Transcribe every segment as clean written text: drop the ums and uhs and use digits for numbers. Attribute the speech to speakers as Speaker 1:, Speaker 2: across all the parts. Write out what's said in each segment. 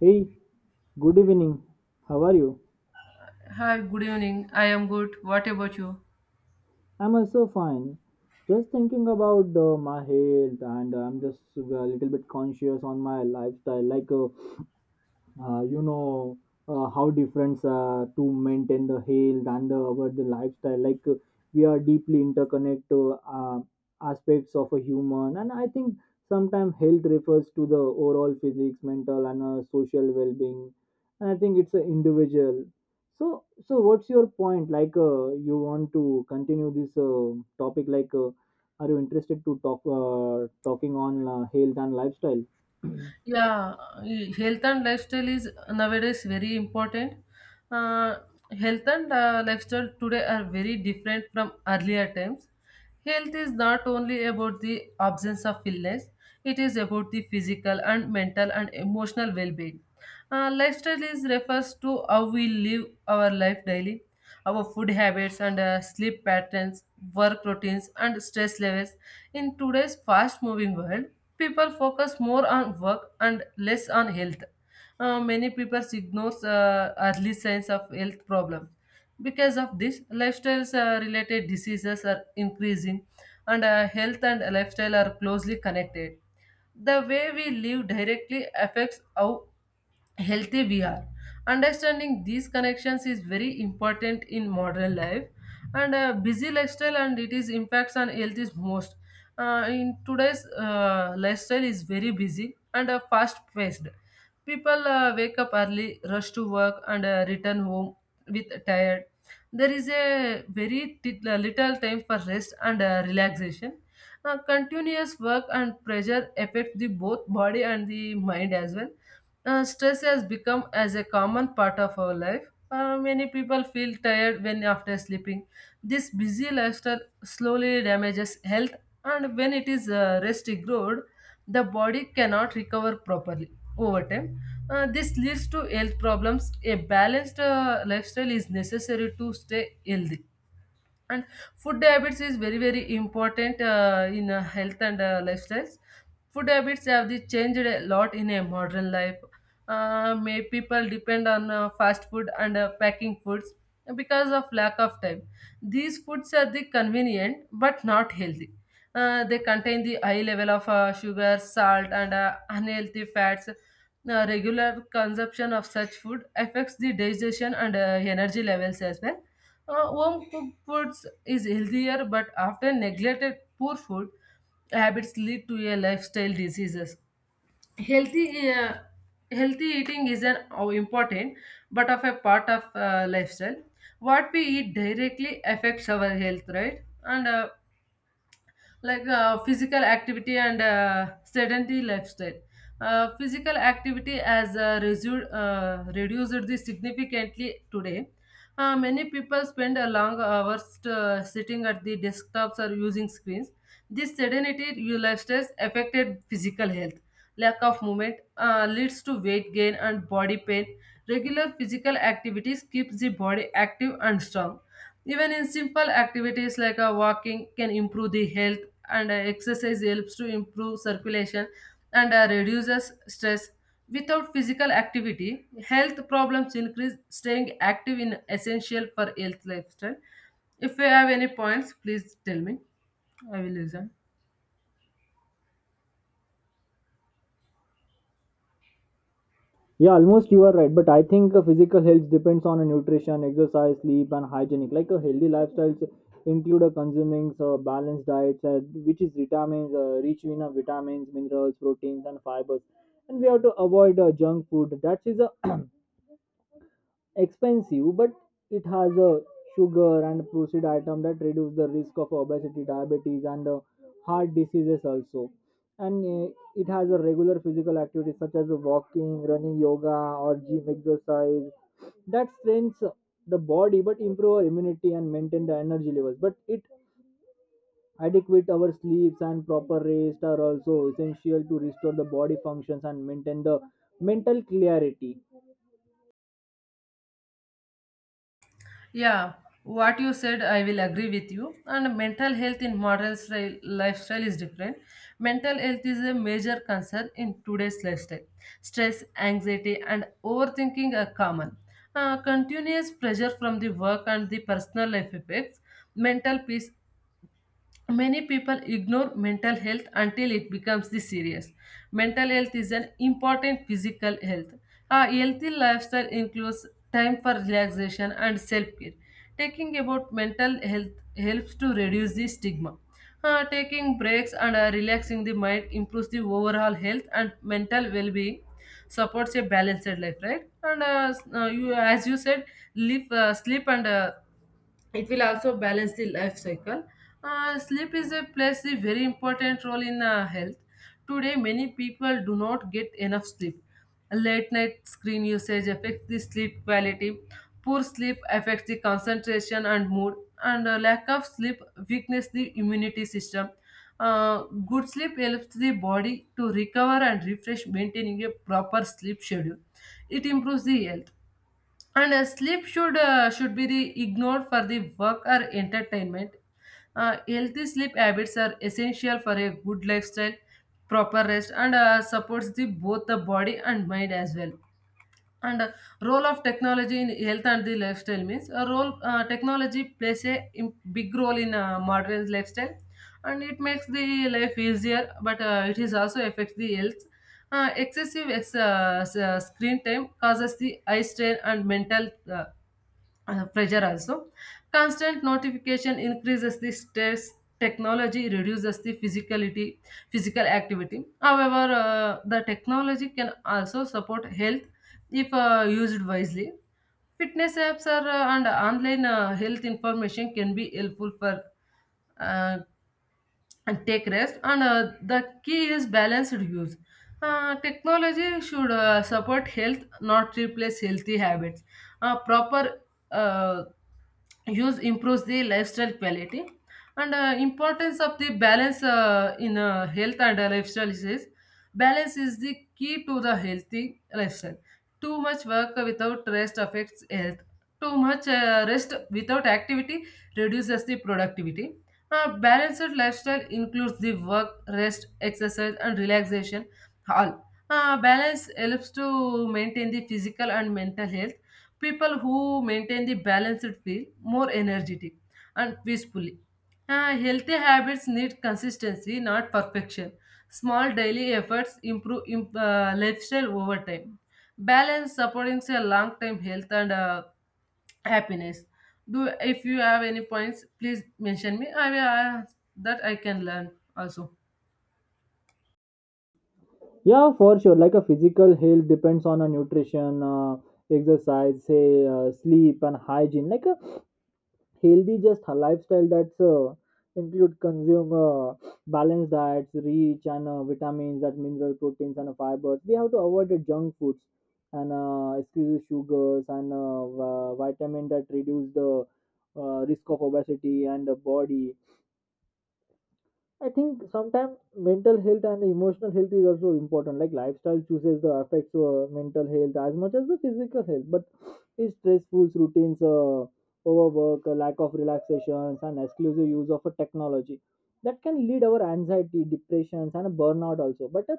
Speaker 1: Hey, good evening. How are you?
Speaker 2: Hi, good evening. I am good. What about you?
Speaker 1: I'm also fine. Just thinking about my health, and I'm just a little bit conscious on my lifestyle. Like, uh, you know how different to maintain the health and the, our the lifestyle like we are deeply interconnected aspects of a human. And I think sometimes health refers to the overall physics mental and social well-being, and I think it's an individual. So what's your point? Like, you want to continue this topic? Like, are you interested to talking on health and lifestyle?
Speaker 2: Yeah, health and lifestyle is nowadays very important. Uh, Health and lifestyle today are very different from earlier times. Health is not only about the absence of illness, it is about the physical and mental and emotional well being. Lifestyle is refers to how we live our life daily. Our food habits and sleep patterns, work routines, and stress levels. In today's fast moving world, people focus more on work and less on health. Many people ignore early signs of health problems. Because of this, lifestyles related diseases are increasing, and health and lifestyle are closely connected. The way we live directly affects how healthy we are. Understanding these connections is very important in modern life, and busy lifestyle and it is impacts on health is most. In today's lifestyle is very busy and fast paced. People wake up early, rush to work, and return home with tired. There is a very little time for rest and relaxation. Continuous work and pressure affect the both body and the mind as well. Stress has become as a common part of our life. Many people feel tired when after sleeping. This busy lifestyle slowly damages health, and when it is rest ignored, the body cannot recover properly over time. This leads to health problems. A balanced lifestyle is necessary to stay healthy, and food habits is very very important in health and lifestyles. Food habits have the changed a lot in a modern life. May people depend on fast food and packing foods because of lack of time. These foods are the convenient but not healthy. They contain the high level of sugar, salt, and unhealthy fats. Regular consumption of such food affects the digestion and energy levels as well. Home cooked foods is healthier, but often neglected poor food habits lead to a lifestyle diseases. Healthy, uh, healthy eating is an important, but of a part of lifestyle. What we eat directly affects our health, right? And like physical activity and sedentary lifestyle. Physical activity has reduced this significantly today. Many people spend a long hours sitting at the desktops or using screens. This sedentary lifestyle affected physical health. Lack of movement leads to weight gain and body pain. Regular physical activities keeps the body active and strong, even in simple activities like walking can improve the health, and exercise helps to improve circulation and reduces stress. Without physical activity, health problems increase. Staying active is essential for health lifestyle. If you have any points, please tell me. I will listen.
Speaker 1: Yeah, almost you are right. But I think physical health depends on a nutrition, exercise, sleep, and hygienic. Like a healthy lifestyles include a consuming balanced diets, rich in vitamins, minerals, proteins, and fibers. And we have to avoid junk food. That is a expensive, but it has a sugar and processed item that reduce the risk of obesity, diabetes, and heart diseases also. And it has a regular physical activity such as walking, running, yoga, or gym exercise that strains the body but improve our immunity and maintain the energy levels. But it adequate our sleeps and proper rest are also essential to restore the body functions and maintain the mental clarity.
Speaker 2: Yeah, what you said, I will agree with you. And mental health in modern lifestyle is different. Mental health is a major concern in today's lifestyle. Stress, anxiety, and overthinking are common. Continuous pressure from the work and the personal life affects mental peace. Many people ignore mental health until it becomes this serious. Mental health is an important physical health. A healthy lifestyle includes time for relaxation and self care. Taking about mental health helps to reduce the stigma. Taking breaks and relaxing the mind improves the overall health and mental well being, supports a balanced life, right? And you, as you said, live, sleep and it will also balance the life cycle. Sleep is a plays a very important role in health. Today many people do not get enough sleep. Late night screen usage affects the sleep quality. Poor sleep affects the concentration and mood, and lack of sleep weakens the immunity system. Uh, Good sleep helps the body to recover and refresh. Maintaining a proper sleep schedule, it improves the health, and sleep should be the ignored for the work or entertainment. Healthy sleep habits are essential for a good lifestyle. Proper rest and supports the both the body and mind as well. And role of technology in health and the lifestyle means a role. Technology plays a big role in modern lifestyle, and it makes the life easier, but it is also affects the health. Excessive screen time causes the eye strain and mental pressure also. Constant notification increases the stress. Technology reduces the physical activity. However, the technology can also support health if used wisely. Fitness apps and online health information can be helpful for uh, and take rest, and the key is balanced use. Technology should support health, not replace healthy habits. Proper uh, use improves the lifestyle quality, and importance of the balance in health and lifestyle is. Balance is the key to the healthy lifestyle. Too much work without rest affects health. Too much rest without activity reduces the productivity. A balanced lifestyle includes the work, rest, exercise, and relaxation. All. Balance helps to maintain the physical and mental health. People who maintain the balanced feel more energetic and peaceful. Healthy habits need consistency, not perfection. Small daily efforts improve lifestyle over time. Balance supporting a long term health and happiness. Do if you have any points, please mention me. I will that I can learn also.
Speaker 1: Yeah, for sure. Like a physical health depends on a nutrition, exercise, say sleep and hygiene. Like a healthy just a lifestyle that's include consume balanced diets, rich and vitamins, that mineral proteins and fibers. We have to avoid the junk foods and excuse sugars and vitamin that reduce the risk of obesity and the body. I think sometimes mental health and emotional health is also important. Like lifestyle chooses the affects mental health as much as the physical health. But it's stressful routines, overwork, lack of relaxations, and exclusive use of a technology that can lead our anxiety, depressions, and a burnout also. But a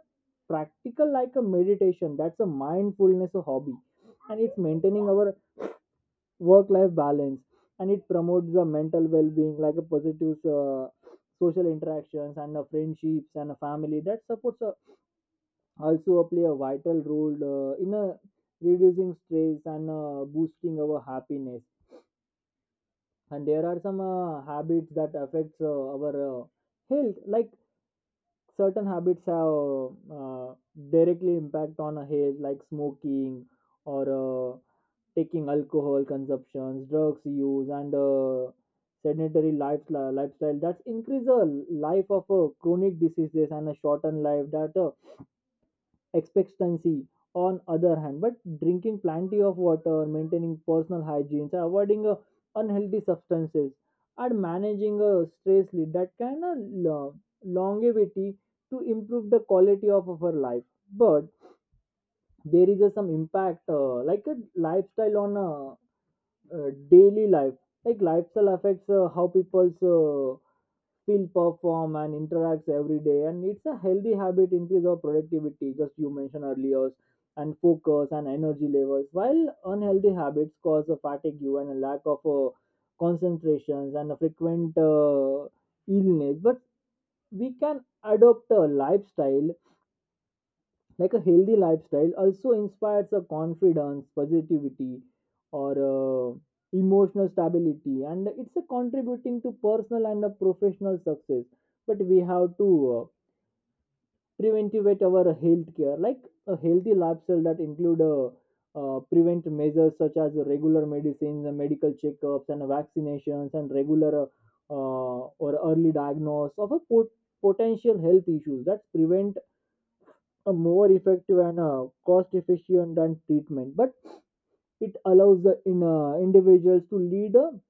Speaker 1: practical like a meditation, that's a mindfulness a hobby, and it's maintaining our work life balance, and it promotes the mental well being like a positive social interactions and friendships and a family that supports also play a vital role in reducing stress and boosting our happiness. And there are some habits that affects our health, like certain habits have directly impact on a health like smoking or taking alcohol consumptions, drugs use, and sedentary lifestyle that's increase the life of chronic diseases and a shorten life that expectancy. On other hand, but drinking plenty of water, maintaining personal hygiene, so avoiding unhealthy substances and managing a stress lead that can longevity to improve the quality of our life. But there is a some impact like a lifestyle on daily life. Like lifestyle affects how people's feel perform and interacts every day, and it's a healthy habit increase of productivity just you mentioned earlier, and focus and energy levels, while unhealthy habits cause a fatigue and a lack of concentrations and a frequent illness. But we can adopt a lifestyle like a healthy lifestyle also inspires a confidence positivity or emotional stability, and it's a contributing to personal and a professional success. But we have to uh, preventivate our health care. Like a healthy lifestyle that include prevent measures such as regular medicines and medical checkups and vaccinations and regular or early diagnosis of a potential health issues that prevent a more effective and cost efficient and treatment. But it allows the individuals to lead a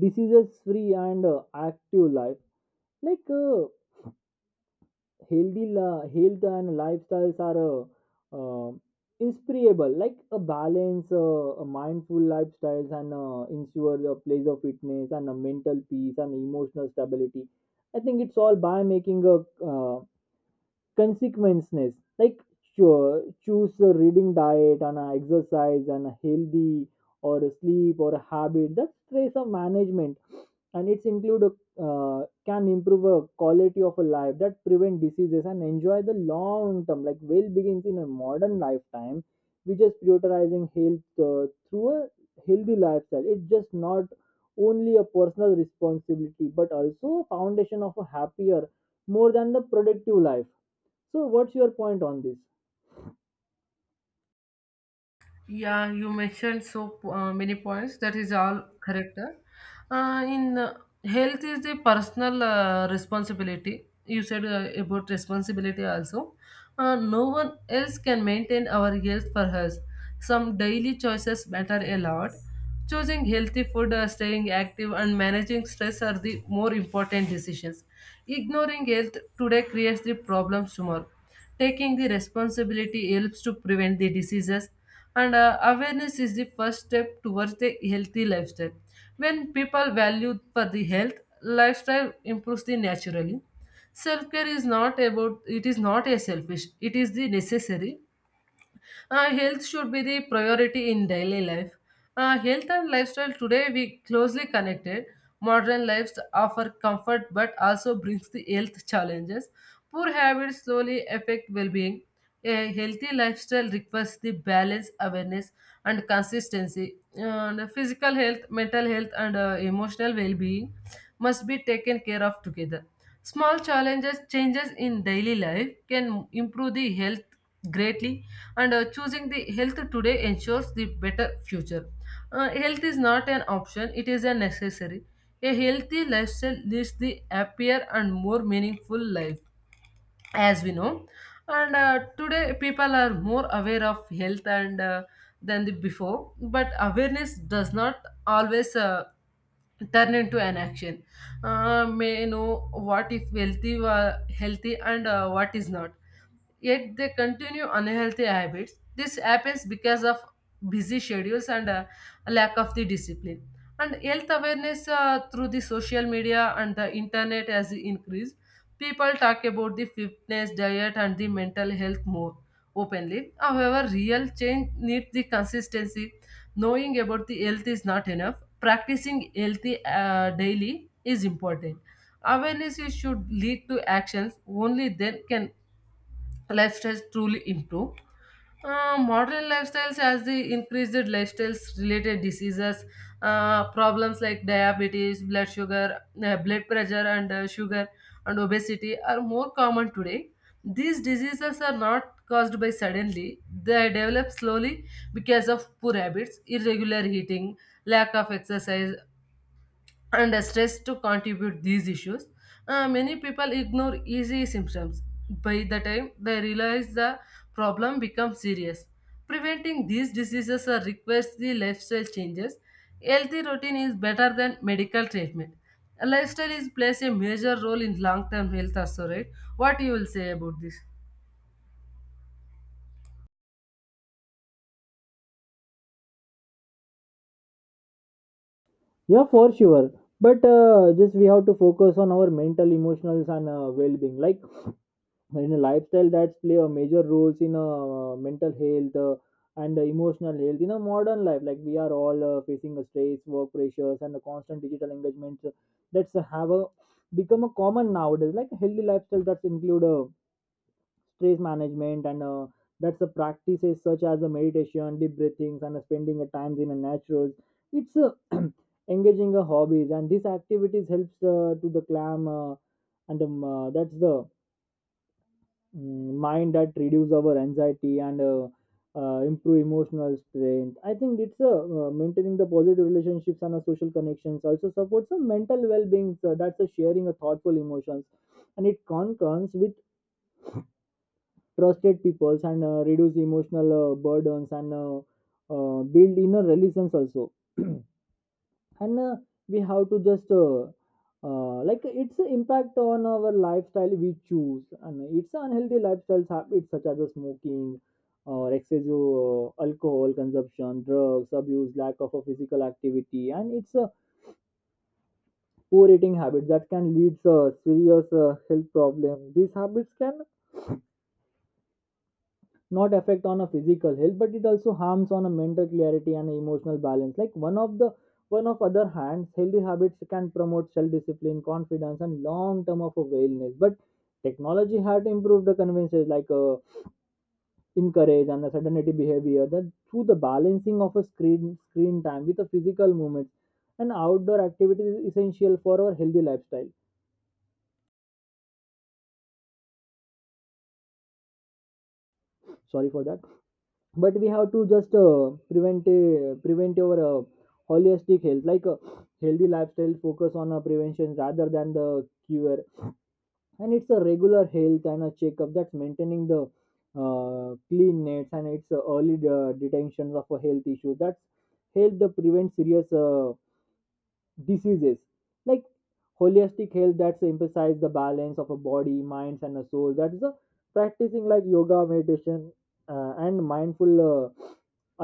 Speaker 1: diseases free and active life. Like health and lifestyles are uh, inspirable like a balance a mindful lifestyles and ensure the place of fitness and a mental peace and emotional stability. I think it's all by making a uh, consequences like sure choose a reading diet and a exercise and a healthy or a sleep or a habit that's trace of management, and it's include a can improve a quality of a life that prevent diseases and enjoy the long term like well begins in a modern lifetime. We just prioritizing health through a healthy lifestyle. It's just not only a personal responsibility but also a foundation of a happier more than the productive life. So, what's your point on this?
Speaker 2: Yeah, you mentioned so many points. That is all correct. In Health is the personal responsibility. You said about responsibility also. No one else can maintain our health for us. Some daily choices matter a lot. Choosing healthy food, staying active, and managing stress are the more important decisions. Ignoring health today creates the problems tomorrow. Taking the responsibility helps to prevent the diseases, and awareness is the first step towards the healthy lifestyle. When people value for the health, lifestyle improves the naturally. Self care is not about, it is not a selfish, it is the necessary. Health should be the priority in daily life. Health and lifestyle today we closely connected. Modern lives offer comfort but also brings the health challenges. Poor habits slowly affect well-being. A healthy lifestyle requires the balance, awareness, and consistency. And physical health, mental health, and emotional well-being must be taken care of together. Small changes in daily life can improve the health greatly, and choosing the health today ensures the better future. Health is not an option, it is a necessary. A healthy lifestyle leads the happier and more meaningful life, as we know. And today people are more aware of health and than the before, but awareness does not always turn into an action. May know what is healthy and what is not, yet they continue unhealthy habits. This happens because of busy schedules and a lack of the discipline. And health awareness through the social media and the internet has increased. People talk about the fitness, diet, and the mental health more openly. However, real change needs the consistency. Knowing about the health is not enough. Practicing healthy daily is important. Awareness is should lead to actions. Only then can lifestyles truly improve. Modern lifestyles as the increased lifestyles related diseases, problems like diabetes, blood sugar, blood pressure, and sugar and obesity are more common today. These diseases are not caused by suddenly; they develop slowly because of poor habits, irregular eating, lack of exercise, and the stress to contribute these issues. Many people ignore easy symptoms. By the time they realize, the problem becomes serious. Preventing these diseases requires the lifestyle changes. Healthy routine is better than medical treatment. A lifestyle is plays a major role in long term health also, right? What you will say about this?
Speaker 1: Yeah, for sure. But just we have to focus on our mental, emotional, and well-being. Like in a lifestyle that's play a major roles in mental health and emotional health in a modern life. Like we are all facing a stress, work pressures, and the constant digital engagements that's have a, become a common nowadays. Like a healthy lifestyle that's include stress management and that's the practices such as the meditation deep breathings and spending a time in a natural. It's engaging a hobbies, and these activities helps to the clam and that's the mind that reduce our anxiety and improve emotional strength. I think it's maintaining the positive relationships and social connections also supports some mental well-being. So that's a sharing of thoughtful emotions, and it concurs with trusted peoples and reduce emotional burdens and build inner relations also. And uh, we have to just like it's an impact on our lifestyle we choose, and it's unhealthy lifestyles habits such as the smoking or excessive alcohol consumption drugs abuse lack of a physical activity, and it's a poor eating habit that can lead to serious health problem. These habits can not affect on a physical health, but it also harms on a mental clarity and emotional balance. Like one of other hands, healthy habits can promote self discipline confidence and long term of a wellness. But technology had improved the conveniences like encourage and the sedentary behavior, that through the balancing of a screen time with a physical movement and outdoor activities is essential for our healthy lifestyle. Sorry for that. But we have to just prevent your holistic health. Like healthy lifestyle focus on prevention rather than the cure, and it's a regular health and a checkup that's maintaining the clean nets, and it's early detection of a health issue that's help the prevent serious diseases. Like holistic health that's emphasize the balance of a body minds and a soul. That's the practicing like yoga meditation and mindful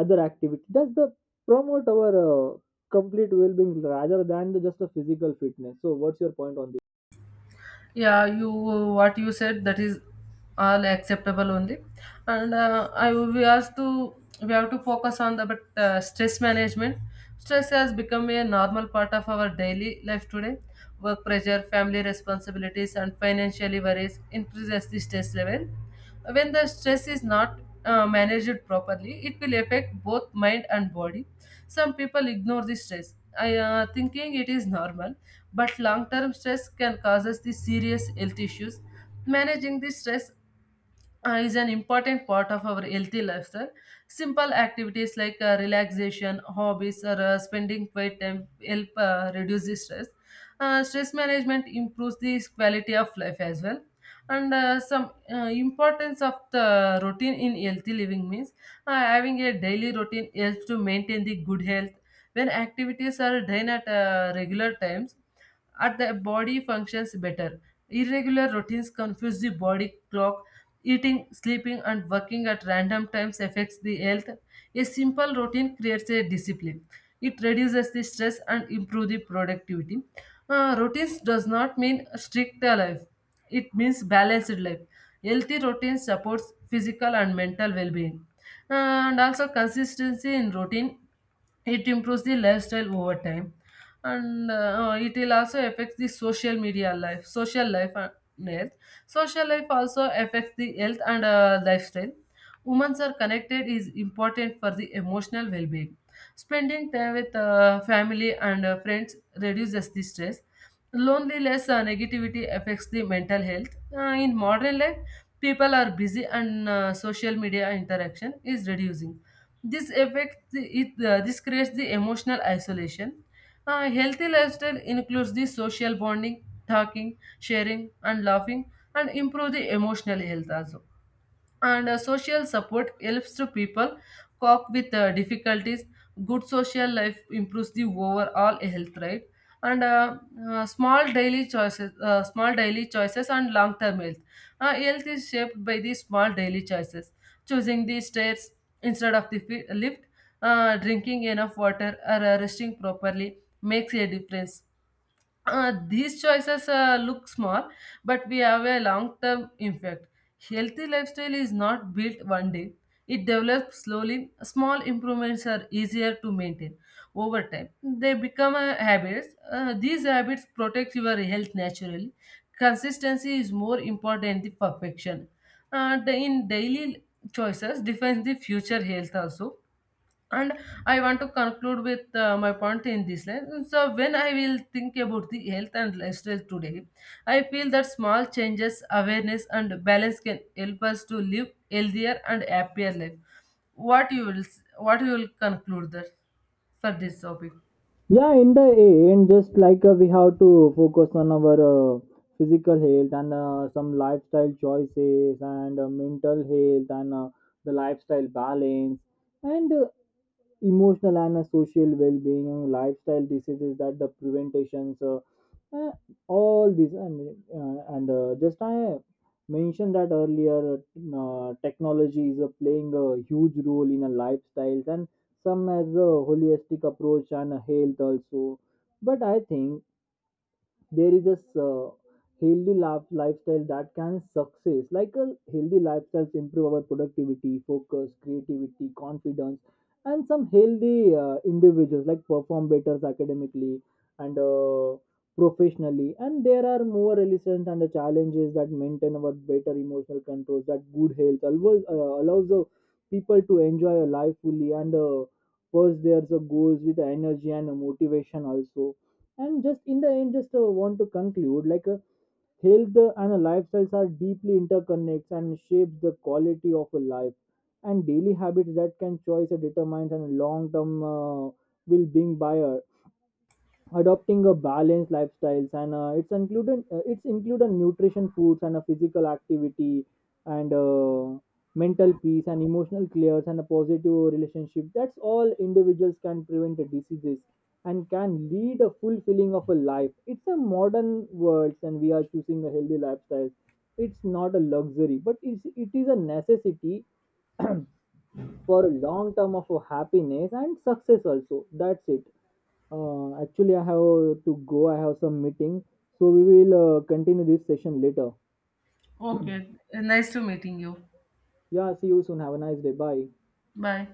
Speaker 1: other activity that's the promote our complete well-being rather than the, just a physical fitness. So what's your point on this?
Speaker 2: Yeah, you what you said that is all acceptable only. And I we have to focus on the but stress management. Stress has become a normal part of our daily life today. Work pressure, family responsibilities and financial worries increases the stress level. When the stress is not managed properly, it will affect both mind and body. Some people ignore the stress, thinking it is normal, but long term stress can cause us the serious health issues. Managing the stress is an important part of our healthy lifestyle. Simple activities like relaxation, hobbies, or spending quiet time help reduce the stress. Stress management improves the quality of life as well. And some importance of the routine in healthy living means having a daily routine helps to maintain the good health. When activities are done at regular times, at the body functions better. Irregular routines confuse the body clock. Eating, sleeping, and working at random times affects the health. A simple routine creates a discipline. It reduces the stress and improves the productivity. Routines does not mean strict life. It means balanced life. Healthy routine supports physical and mental well-being. And also consistency in routine, it improves the lifestyle over time, and it will also affect the social life and health. Social life also affects the health and lifestyle. Women are connected is important for the emotional well-being. Spending time with family and friends reduces the stress. Loneliness and negativity affects the mental health. In modern life people are busy, and social media interaction is reducing. This affects it. This creates the emotional isolation. A healthy lifestyle includes the social bonding, talking, sharing, and laughing, and improve the emotional health also, and social support helps to people cope with difficulties. Good social life improves the overall health, right? And small daily choices and long term health. Health is shaped by the small daily choices. Choosing the stairs instead of the lift, drinking enough water or resting properly makes a difference. These choices look small, but we have a long term impact. Healthy lifestyle is not built one day, it develops slowly. Small improvements are easier to maintain over time. They become habits. These habits protect your health naturally. Consistency is more important than perfection. In daily choices defines the future health also. And I want to conclude with my point in this line, so when I will think about the health and lifestyle today, I feel that small changes, awareness and balance can help us to live healthier and happier life. What you will conclude that for this topic?
Speaker 1: Yeah, in the end, just like we have to focus on our physical health and some lifestyle choices and mental health and the lifestyle balance and emotional and social well-being and lifestyle diseases that the preventations, uh, all these, and just I mentioned that earlier. Uh, technology is playing a huge role in a lifestyles and some as a holistic approach and a health also. But I think there is a lifestyle that can success like a healthy lifestyles improve our productivity focus creativity confidence, and some healthy individuals like perform better academically and professionally, and there are more resistance and the challenges that maintain our better emotional controls, that good health allows the people to enjoy a life fully and pursue their goals with energy and motivation also. And just in the end, just want to conclude like health and lifestyles are deeply interconnected and shapes the quality of a life. And daily habits that can choice determines and long term will being buyer adopting a balanced lifestyles, and it's included nutrition foods and a physical activity and mental peace and emotional clears and a positive relationship, that's all individuals can prevent the diseases and can lead a fulfilling of a life. It's a modern world, and we are choosing a healthy lifestyle. It's not a luxury, but it is a necessity for a long term of a happiness and success also. That's it. Actually, I have to go. I have some meeting. So we will continue this session later.
Speaker 2: Okay. Nice to meeting you.
Speaker 1: Yeah, see you soon. Have a nice day. Bye.
Speaker 2: Bye.